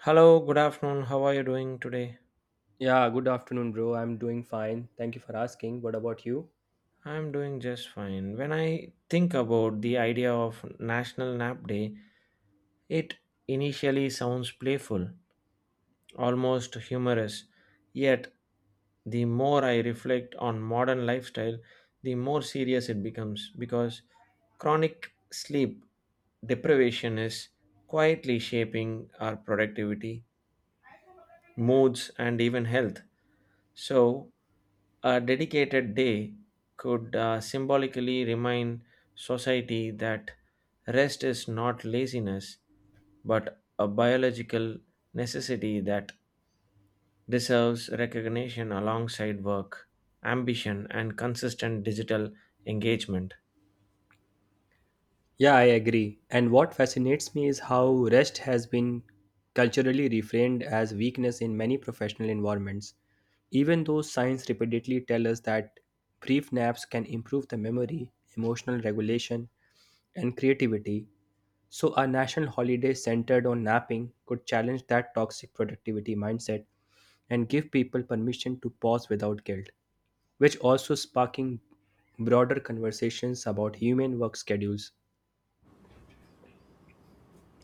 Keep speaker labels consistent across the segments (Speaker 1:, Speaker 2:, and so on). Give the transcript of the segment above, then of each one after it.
Speaker 1: Hello, good afternoon. How are you doing today?
Speaker 2: Yeah, good afternoon, bro. I'm doing fine. Thank you for asking. What about you?
Speaker 1: I'm doing just fine. When I think about the idea of National Nap Day, it initially sounds playful, almost humorous. Yet, the more I reflect on modern lifestyle, the more serious it becomes because chronic sleep deprivation is quietly shaping our productivity, moods, and even health. So, a dedicated day could symbolically remind society that rest is not laziness but a biological necessity that deserves recognition alongside work, ambition, and consistent digital engagement.
Speaker 2: Yeah, I agree. And what fascinates me is how rest has been culturally reframed as weakness in many professional environments. Even though science repeatedly tells us that brief naps can improve the memory, emotional regulation, and creativity, so a national holiday centered on napping could challenge that toxic productivity mindset and give people permission to pause without guilt, which also sparking broader conversations about human work schedules.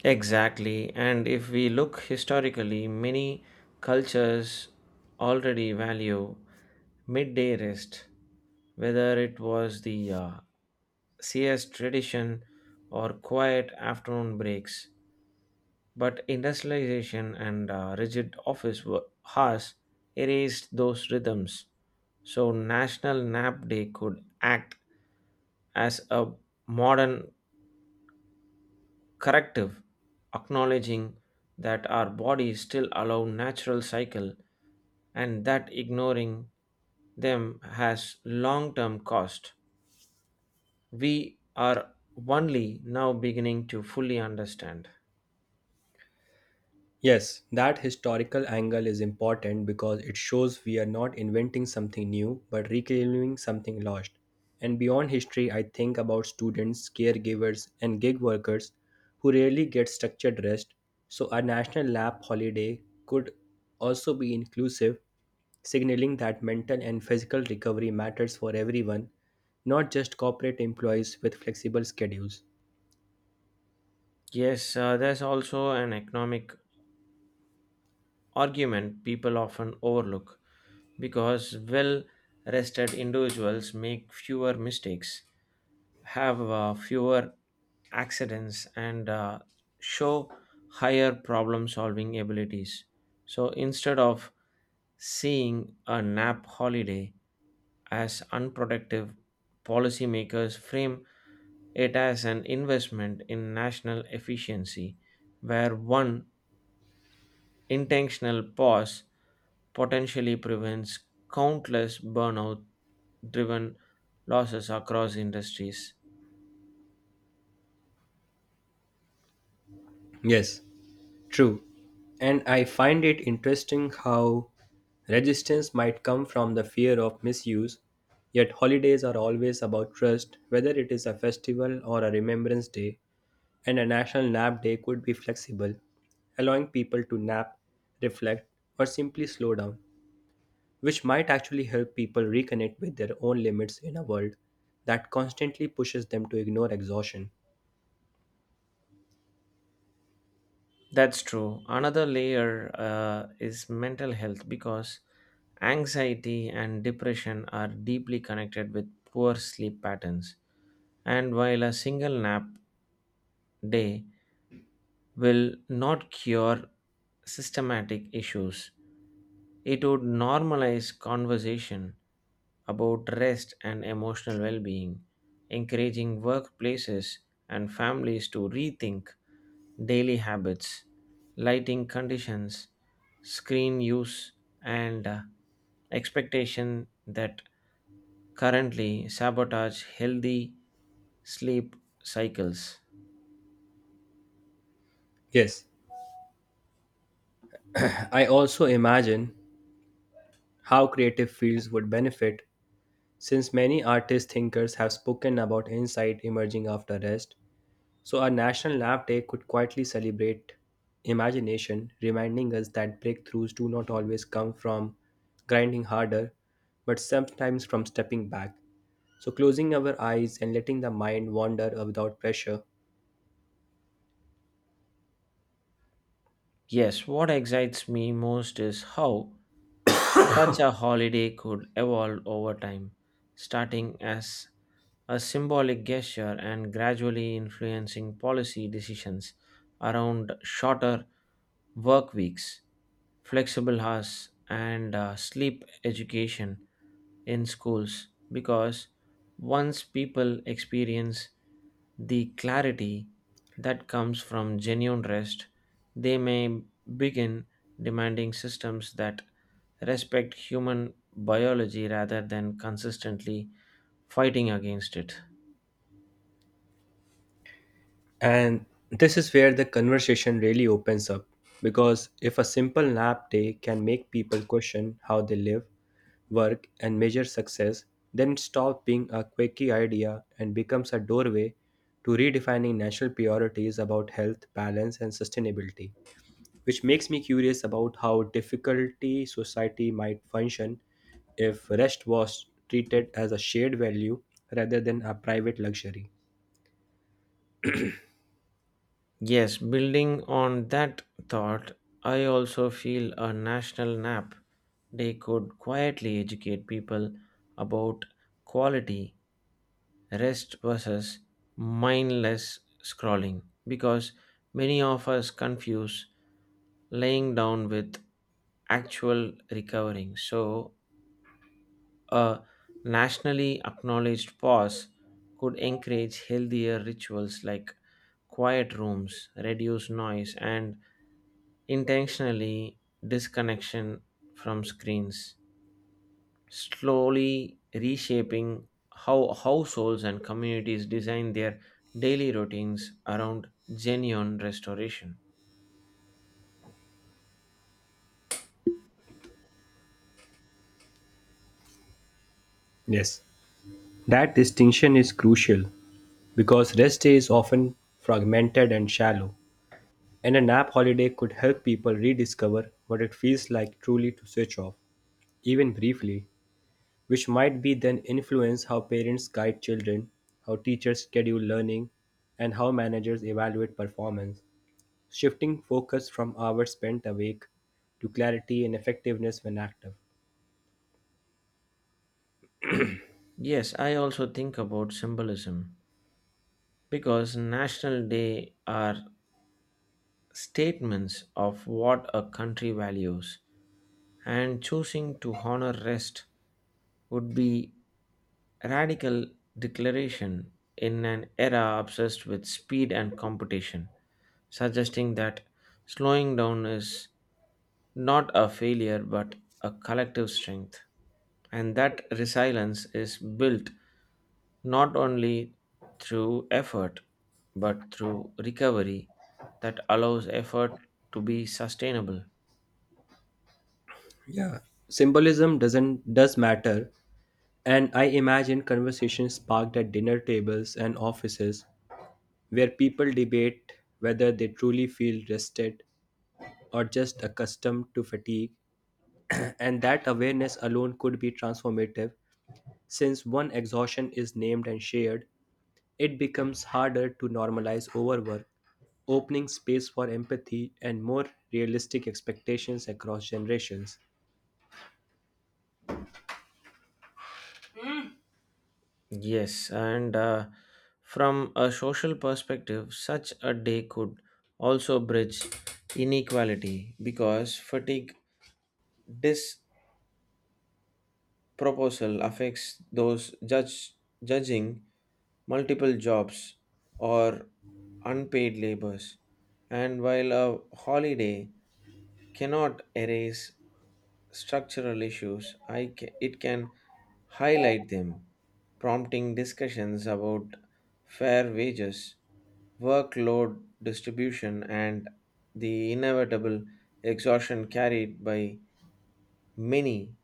Speaker 1: Exactly, and if we look historically, many cultures already value midday rest, whether it was the CS tradition or quiet afternoon breaks, but industrialization and rigid office hours erased those rhythms. So, National Nap Day could act as a modern corrective, acknowledging that our bodies still allow natural cycle and that ignoring them has long-term cost. We are only now beginning to fully understand.
Speaker 2: Yes, that historical angle is important because it shows we are not inventing something new but reclaiming something lost. And beyond history, I think about students, caregivers, and gig workers who rarely get structured rest. So, a national lab holiday could also be inclusive, signaling that mental and physical recovery matters for everyone, not just corporate employees with flexible schedules.
Speaker 1: Yes, there's also an economic argument people often overlook because well rested individuals make fewer mistakes, have fewer accidents, and show higher problem solving abilities. So instead of seeing a nap holiday as unproductive, policymakers frame it as an investment in national efficiency where one intentional pause potentially prevents countless burnout driven losses across industries.
Speaker 2: Yes, true. And I find it interesting how resistance might come from the fear of misuse, yet holidays are always about trust, whether it is a festival or a remembrance day, and a national nap day could be flexible, allowing people to nap, reflect, or simply slow down, which might actually help people reconnect with their own limits in a world that constantly pushes them to ignore exhaustion.
Speaker 1: That's true. Another layer is mental health because anxiety and depression are deeply connected with poor sleep patterns. And while a single nap day will not cure systematic issues. It would normalize conversation about rest and emotional well being, encouraging workplaces and families to rethink daily habits, lighting conditions, screen use, and expectation that currently sabotage healthy sleep cycles.
Speaker 2: Yes, I also imagine how creative fields would benefit since many artist thinkers have spoken about insight emerging after rest, so a national lab day could quietly celebrate imagination, reminding us that breakthroughs do not always come from grinding harder but sometimes from stepping back, so closing our eyes and letting the mind wander without pressure.
Speaker 1: Yes, what excites me most is how such a holiday could evolve over time, starting as a symbolic gesture and gradually influencing policy decisions around shorter work weeks, flexible hours, and sleep education in schools. Because once people experience the clarity that comes from genuine rest, they may begin demanding systems that respect human biology rather than consistently fighting against it.
Speaker 2: And this is where the conversation really opens up, because if a simple nap day can make people question how they live, work, and measure success, then it stops being a quirky idea and becomes a doorway to redefining national priorities about health, balance, and sustainability. Which makes me curious about how difficulty society might function if rest was treated as a shared value rather than a private luxury.
Speaker 1: Yes, building on that thought, I also feel a national nap day could quietly educate people about quality rest versus mindless scrolling because many of us confuse laying down with actual recovering. So, a nationally acknowledged pause could encourage healthier rituals like quiet rooms, reduce noise, and intentionally disconnection from screens, slowly reshaping how households and communities design their daily routines around genuine restoration.
Speaker 2: Yes. That distinction is crucial because rest day is often fragmented and shallow, and a nap holiday could help people rediscover what it feels like truly to switch off, even briefly, which might be then influence how parents guide children, how teachers schedule learning, and how managers evaluate performance, shifting focus from hours spent awake to clarity and effectiveness when active.
Speaker 1: Yes, I also think about symbolism because national day are statements of what a country values, and choosing to honor rest would be radical declaration in an era obsessed with speed and competition, suggesting that slowing down is not a failure but a collective strength, and that resilience is built not only through effort but through recovery that allows effort to be sustainable.
Speaker 2: Yeah, symbolism doesn't does matter, and I imagine conversations sparked at dinner tables and offices where people debate whether they truly feel rested or just accustomed to fatigue, and that awareness alone could be transformative since one exhaustion is named and shared, it becomes harder to normalize overwork, opening space for empathy and more realistic expectations across generations.
Speaker 1: Yes, and from a social perspective, such a day could also bridge inequality because fatigue disproposal affects those judging multiple jobs or unpaid labors. And while a holiday cannot erase structural issues, it can highlight them, prompting discussions about fair wages workload distribution, and the inevitable exhaustion carried by many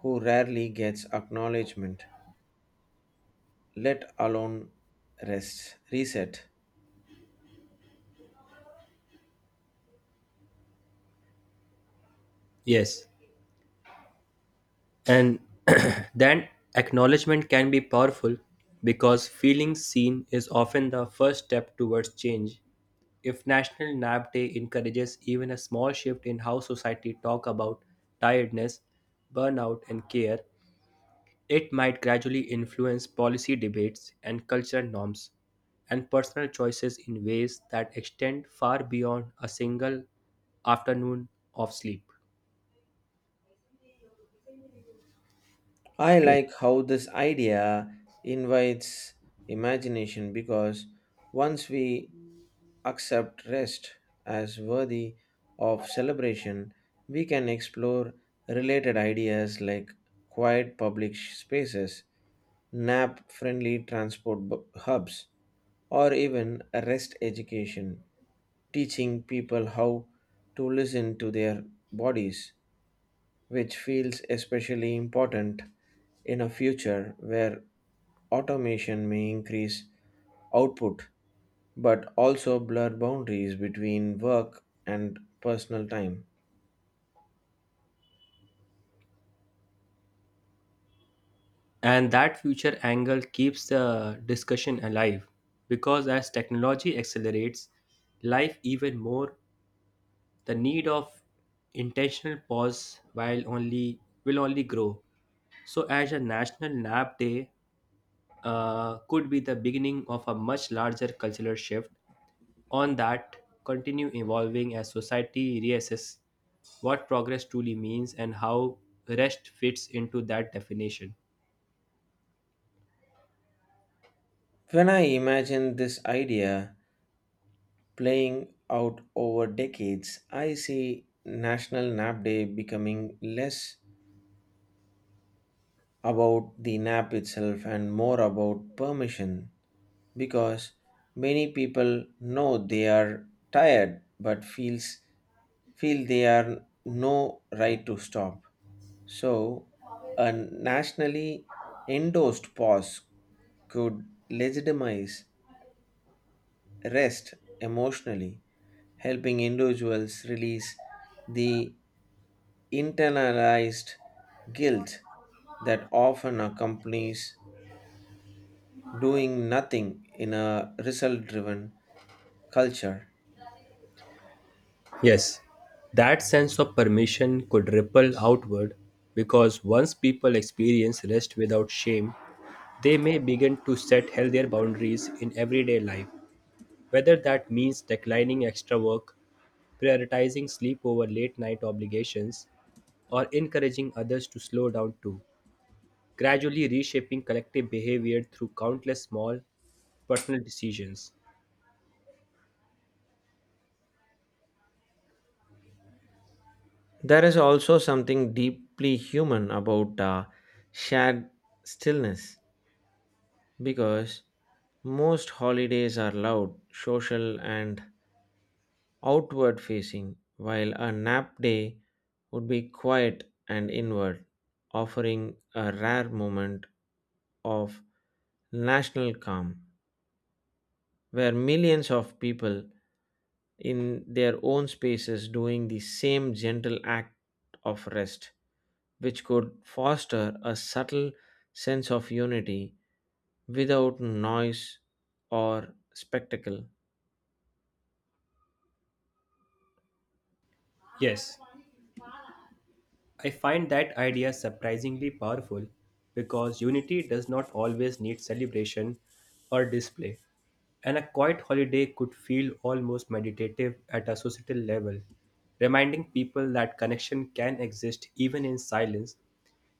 Speaker 1: who rarely gets acknowledgement, let alone rest, reset.
Speaker 2: Yes, and that acknowledgement can be powerful because feeling seen is often the first step towards change. If National Nap Day encourages even a small shift in how society talk about tiredness, burnout and care, it might gradually influence policy debates and cultural norms and personal choices in ways that extend far beyond a single afternoon of sleep.
Speaker 1: I like how this idea invites imagination because once we accept rest as worthy of celebration, we can explore related ideas like quiet public spaces, nap friendly transport hubs, or even rest education, teaching people how to listen to their bodies, which feels especially important in a future where automation may increase output but also blur boundaries between work and personal time.
Speaker 2: And that future angle keeps the discussion alive because as technology accelerates life even more, the need of intentional pause while only will only grow. So, as a National Nap Day could be the beginning of a much larger cultural shift, on that continue evolving as society reassess what progress truly means and how rest fits into that definition.
Speaker 1: When I imagine this idea playing out over decades, I see National Nap Day becoming less about the nap itself and more about permission because many people know they are tired but feel they are no right to stop. So, a nationally endorsed pause could legitimize rest emotionally, helping individuals release the internalized guilt that often accompanies doing nothing in a result driven culture.
Speaker 2: Yes, that sense of permission could ripple outward because once people experience rest without shame, they may begin to set healthier boundaries in everyday life, whether that means declining extra work, prioritizing sleep over late night obligations, or encouraging others to slow down too, gradually reshaping collective behavior through countless small personal decisions.
Speaker 1: There is also something deeply human about shared stillness because most holidays are loud, social, and outward facing, while a nap day would be quiet and inward, offering a rare moment of national calm where millions of people in their own spaces doing the same gentle act of rest which could foster a subtle sense of unity without noise or spectacle.
Speaker 2: Yes, I find that idea surprisingly powerful because unity does not always need celebration or display, and a quiet holiday could feel almost meditative at a societal level, reminding people that connection can exist even in silence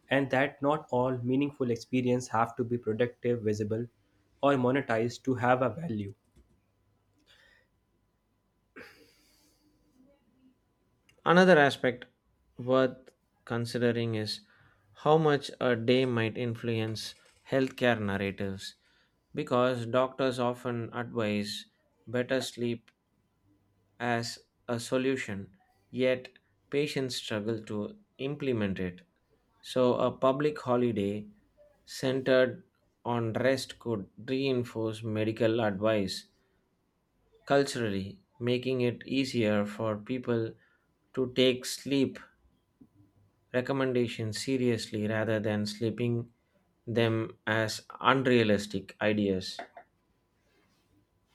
Speaker 2: and that not all meaningful experiences have to be productive, visible, or monetized to have a value.
Speaker 1: Another aspect worth considering is how much a day might influence healthcare narratives because doctors often advise better sleep as a solution, yet patients struggle to implement it. So, a public holiday centered on rest could reinforce medical advice culturally, making it easier for people to take sleep recommendations seriously rather than sleeping them as unrealistic ideas.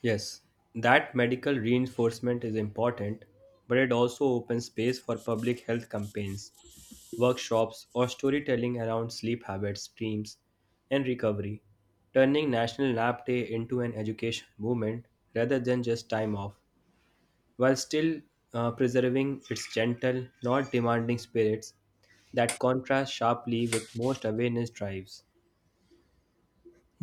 Speaker 2: Yes, that medical reinforcement is important, but it also opens space for public health campaigns, workshops, or storytelling around sleep habits, dreams, and recovery, turning National Nap Day into an education movement rather than just time off, while still preserving its gentle, not demanding spirits that contrast sharply with most awareness drives.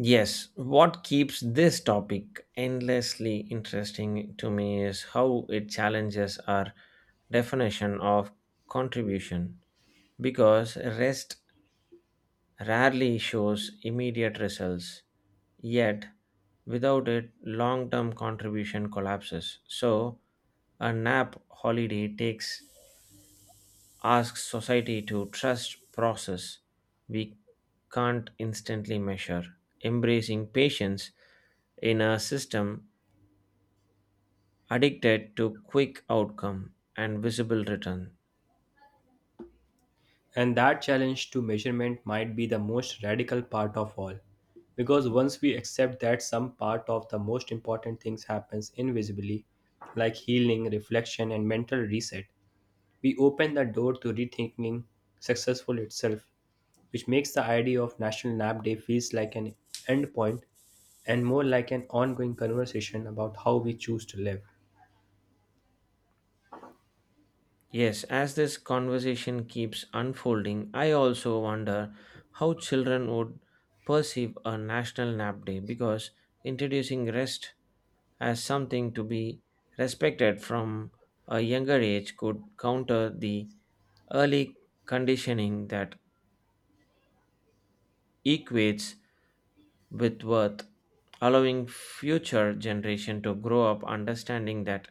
Speaker 1: Yes, what keeps this topic endlessly interesting to me is how it challenges our definition of contribution because rest rarely shows immediate results, yet, without it, long term contribution collapses. So, a nap holiday takes asks society to trust process we can't instantly measure embracing patience in a system addicted to quick outcome and visible return.
Speaker 2: And that challenge to measurement might be the most radical part of all. Because once we accept that some part of the most important things happens invisibly, like healing, reflection, and mental reset, we open the door to rethinking successful itself, which makes the idea of National Nap Day feels like an end point, and more like an ongoing conversation about how we choose to live.
Speaker 1: Yes, as this conversation keeps unfolding, I also wonder how children would perceive a national nap day because introducing rest as something to be respected from a younger age could counter the early conditioning that equates with worth, allowing future generation to grow up understanding that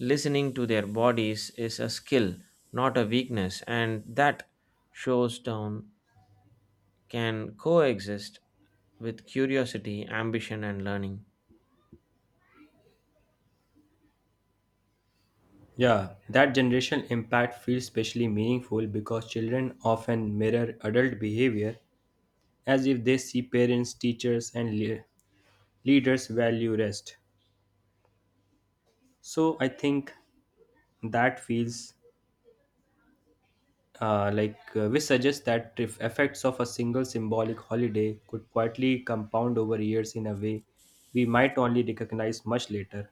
Speaker 1: listening to their bodies is a skill, not a weakness, and that shows down can coexist with curiosity, ambition, and learning.
Speaker 2: Yeah, that generational impact feels especially meaningful because children often mirror adult behavior as if they see parents, teachers, and leaders value rest. So I think that feels like we suggest that if effects of a single symbolic holiday could quietly compound over years in a way we might only recognize much later.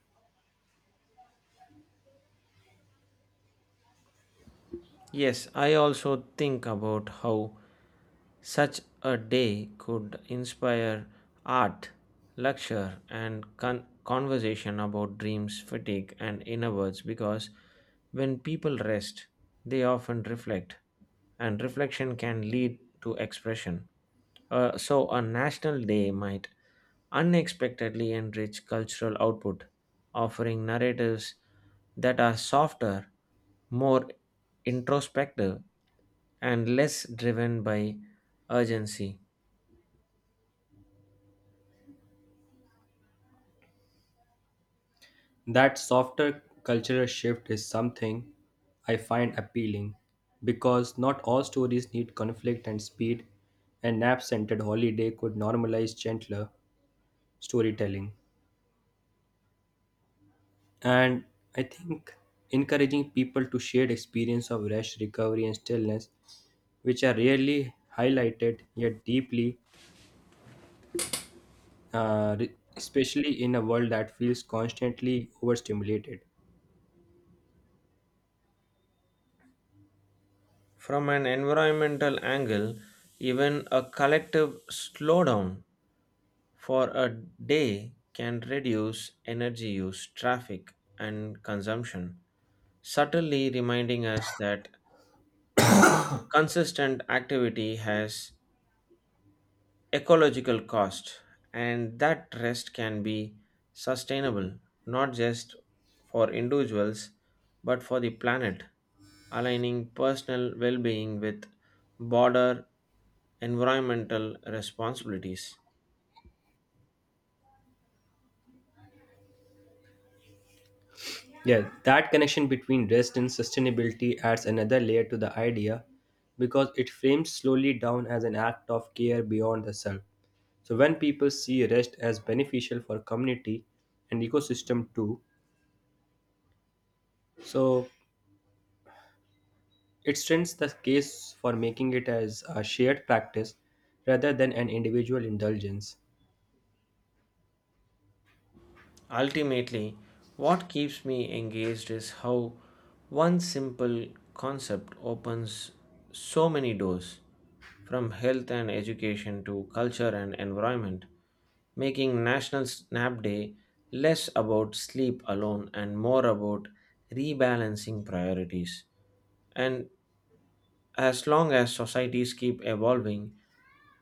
Speaker 1: Yes, I also think about how such a day could inspire art, lecture, and conversation about dreams, fatigue, and inner words because when people rest, they often reflect, and reflection can lead to expression. So, a national day might unexpectedly enrich cultural output, offering narratives that are softer, more introspective, and less driven by urgency.
Speaker 2: That softer cultural shift is something I find appealing because not all stories need conflict and speed and nap centered holiday could normalize gentler storytelling. And I think encouraging people to share experience of rest, recovery, and stillness, which are rarely highlighted yet deeply, especially in a world that feels constantly overstimulated.
Speaker 1: From an environmental angle, even a collective slowdown for a day can reduce energy use, traffic, and consumption, subtly reminding us that consistent activity has ecological cost and that rest can be sustainable not just for individuals but for the planet aligning personal well-being with broader environmental responsibilities.
Speaker 2: Yeah, that connection between rest and sustainability adds another layer to the idea because it frames slowly down as an act of care beyond the self. So when people see rest as beneficial for community and ecosystem too, so it strengthens the case for making it as a shared practice rather than an individual indulgence.
Speaker 1: Ultimately, what keeps me engaged is how one simple concept opens so many doors, from health and education to culture and environment, making National Nap Day less about sleep alone and more about rebalancing priorities. And as long as societies keep evolving,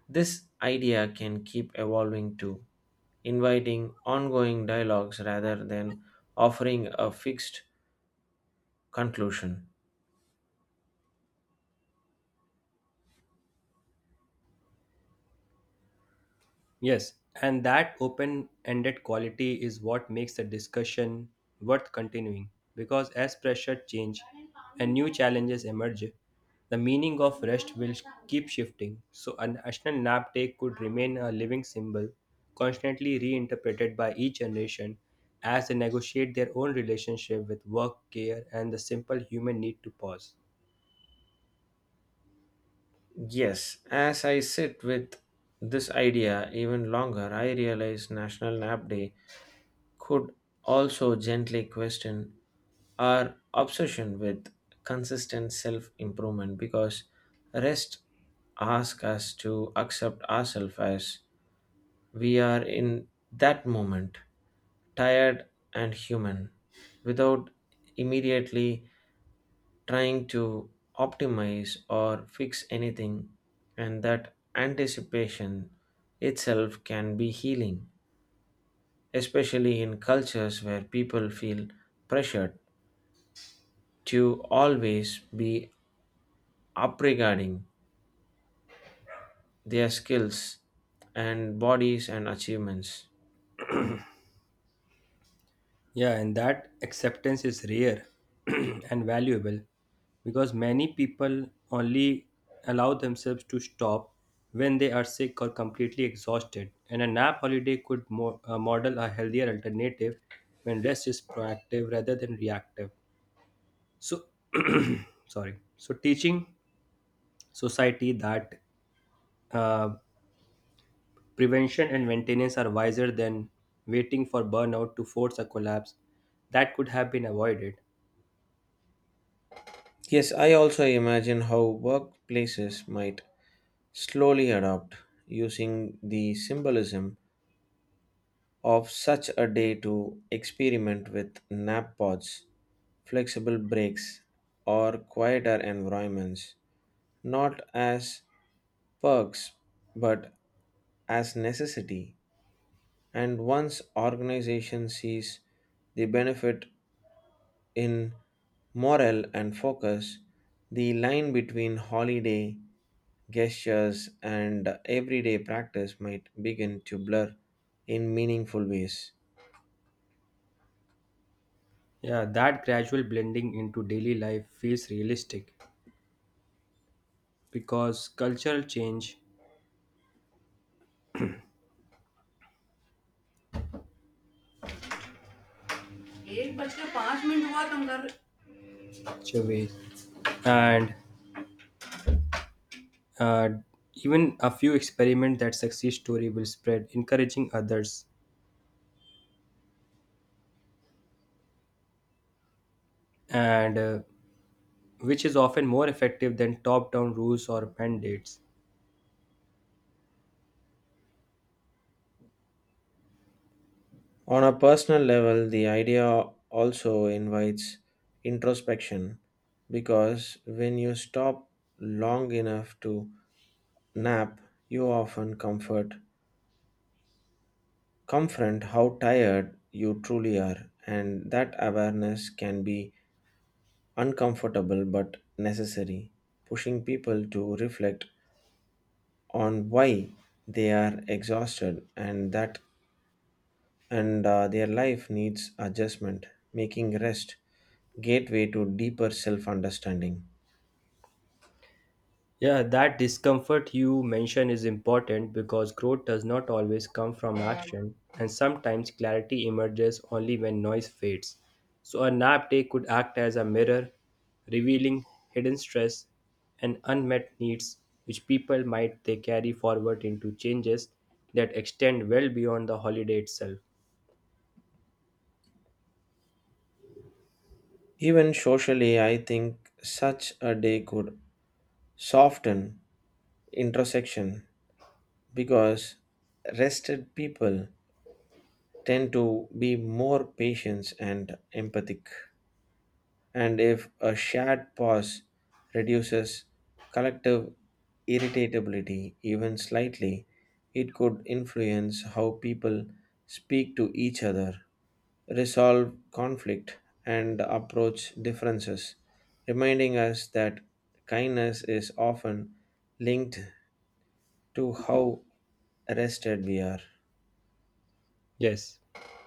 Speaker 1: this idea can keep evolving too, inviting ongoing dialogues rather than offering a fixed conclusion.
Speaker 2: Yes, and that open ended quality is what makes the discussion worth continuing because as pressure change and new challenges emerge, the meaning of rest will keep shifting. So, a national nap day could remain a living symbol, constantly reinterpreted by each generation as they negotiate their own relationship with work, care, and the simple human need to pause.
Speaker 1: Yes, as I sit with this idea even longer, I realize National Nap Day could also gently question our obsession with consistent self improvement because rest asks us to accept ourselves as we are in that moment, tired and human, without immediately trying to optimize or fix anything, and that anticipation itself can be healing, especially in cultures where people feel pressured to always be upregarding their skills and bodies and achievements.
Speaker 2: Yeah, and that acceptance is rare and valuable because many people only allow themselves to stop when they are sick or completely exhausted. And a nap holiday could model a healthier alternative when rest is proactive rather than reactive. So, sorry. So, teaching society that uh, prevention and maintenance are wiser than waiting for burnout to force a collapse that could have been avoided.
Speaker 1: Yes, I also imagine how workplaces might slowly adopt, using the symbolism of such a day to experiment with nap pods, flexible breaks, or quieter environments, not as perks but as necessity. And once organization sees the benefit in morale and focus, the line between holiday gestures, and everyday practice might begin to blur in meaningful ways.
Speaker 2: Yeah, that gradual blending into daily life feels realistic because cultural change एक बज के पाँच minute हुआ तुम कर ways and uh, even a few experiment that success story will spread, encouraging others, and which is often more effective than top down rules or mandates.
Speaker 1: On a personal level, the idea also invites introspection because when you stop long enough to nap, you often comfort confront how tired you truly are, and that awareness can be uncomfortable but necessary, pushing people to reflect on why they are exhausted and that and their life needs adjustment making rest gateway to deeper self understanding.
Speaker 2: Yeah, that discomfort you mention is important because growth does not always come from action, and sometimes clarity emerges only when noise fades. So, a nap day could act as a mirror, revealing hidden stress and unmet needs which people might they carry forward into changes that extend well beyond the holiday itself.
Speaker 1: Even socially, I think such a day could soften introspection because rested people tend to be more patient and empathic and if a shared pause reduces collective irritability even slightly, it could influence how people speak to each other, resolve conflict, and approach differences, reminding us that kindness is often linked to how rested we are.
Speaker 2: Yes,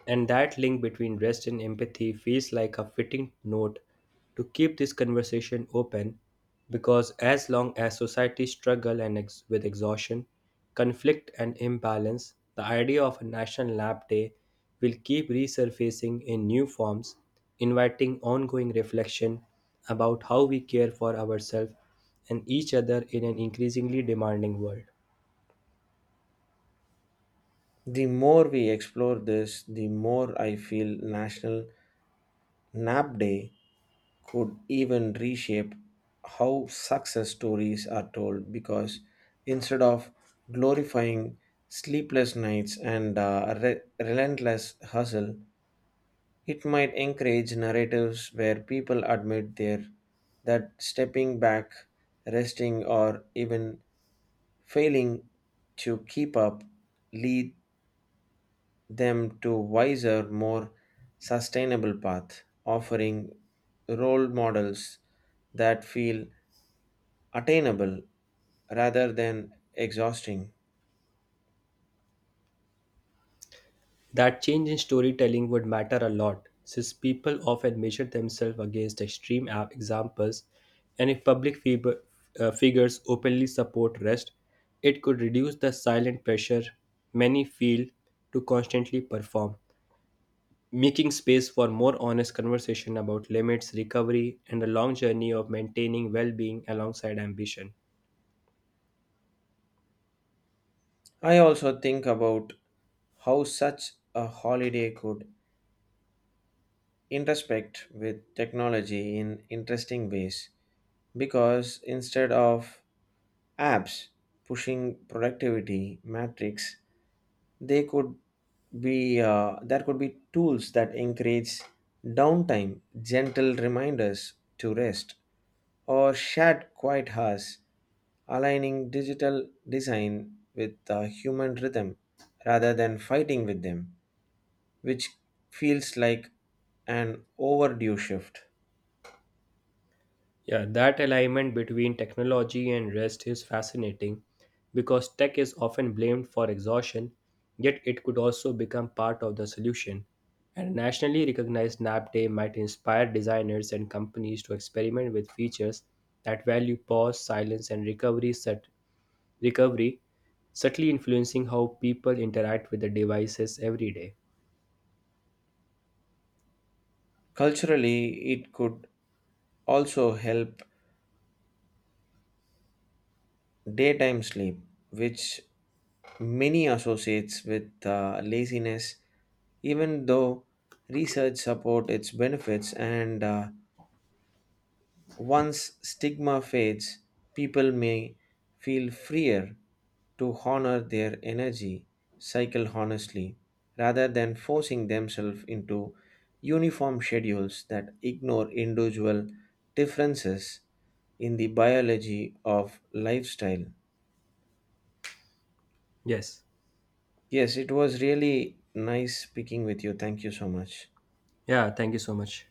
Speaker 2: and that link between rest and empathy feels like a fitting note to keep this conversation open because as long as society struggle and with exhaustion, conflict and imbalance, the idea of a national lab day will keep resurfacing in new forms, inviting ongoing reflection about how we care for ourselves and each other in an increasingly demanding world.
Speaker 1: The more we explore this, the more I feel National Nap Day could even reshape how success stories are told because instead of glorifying sleepless nights and relentless hustle, it might encourage narratives where people admit their that stepping back, resting, or even failing to keep up lead them to wiser, more sustainable path, offering role models that feel attainable rather than exhausting.
Speaker 2: That change in storytelling would matter a lot, since people often measure themselves against extreme examples, and if public figures openly support rest, it could reduce the silent pressure many feel to constantly perform, making space for more honest conversation about limits, recovery, and the long journey of maintaining well being alongside ambition.
Speaker 1: I also think about how such a holiday could intersect with technology in interesting ways because instead of apps pushing productivity metrics, they could be there could be tools that encourage downtime, gentle reminders to rest, or shared quiet hours aligning digital design with the human rhythm rather than fighting with them, which feels like an overdue shift.
Speaker 2: Yeah, that alignment between technology and rest is fascinating because tech is often blamed for exhaustion, yet it could also become part of the solution. And nationally recognized nap day might inspire designers and companies to experiment with features that value pause, silence, and recovery, subtly influencing how people interact with the devices every day.
Speaker 1: Culturally, it could also help daytime sleep, which many associates with laziness, even though research support its benefits and once stigma fades, people may feel freer to honor their energy cycle honestly rather than forcing themselves into uniform schedules that ignore individual differences in the biology of lifestyle.
Speaker 2: Yes.
Speaker 1: Yes, it was really nice speaking with you. Thank you so much.
Speaker 2: Yeah, thank you so much.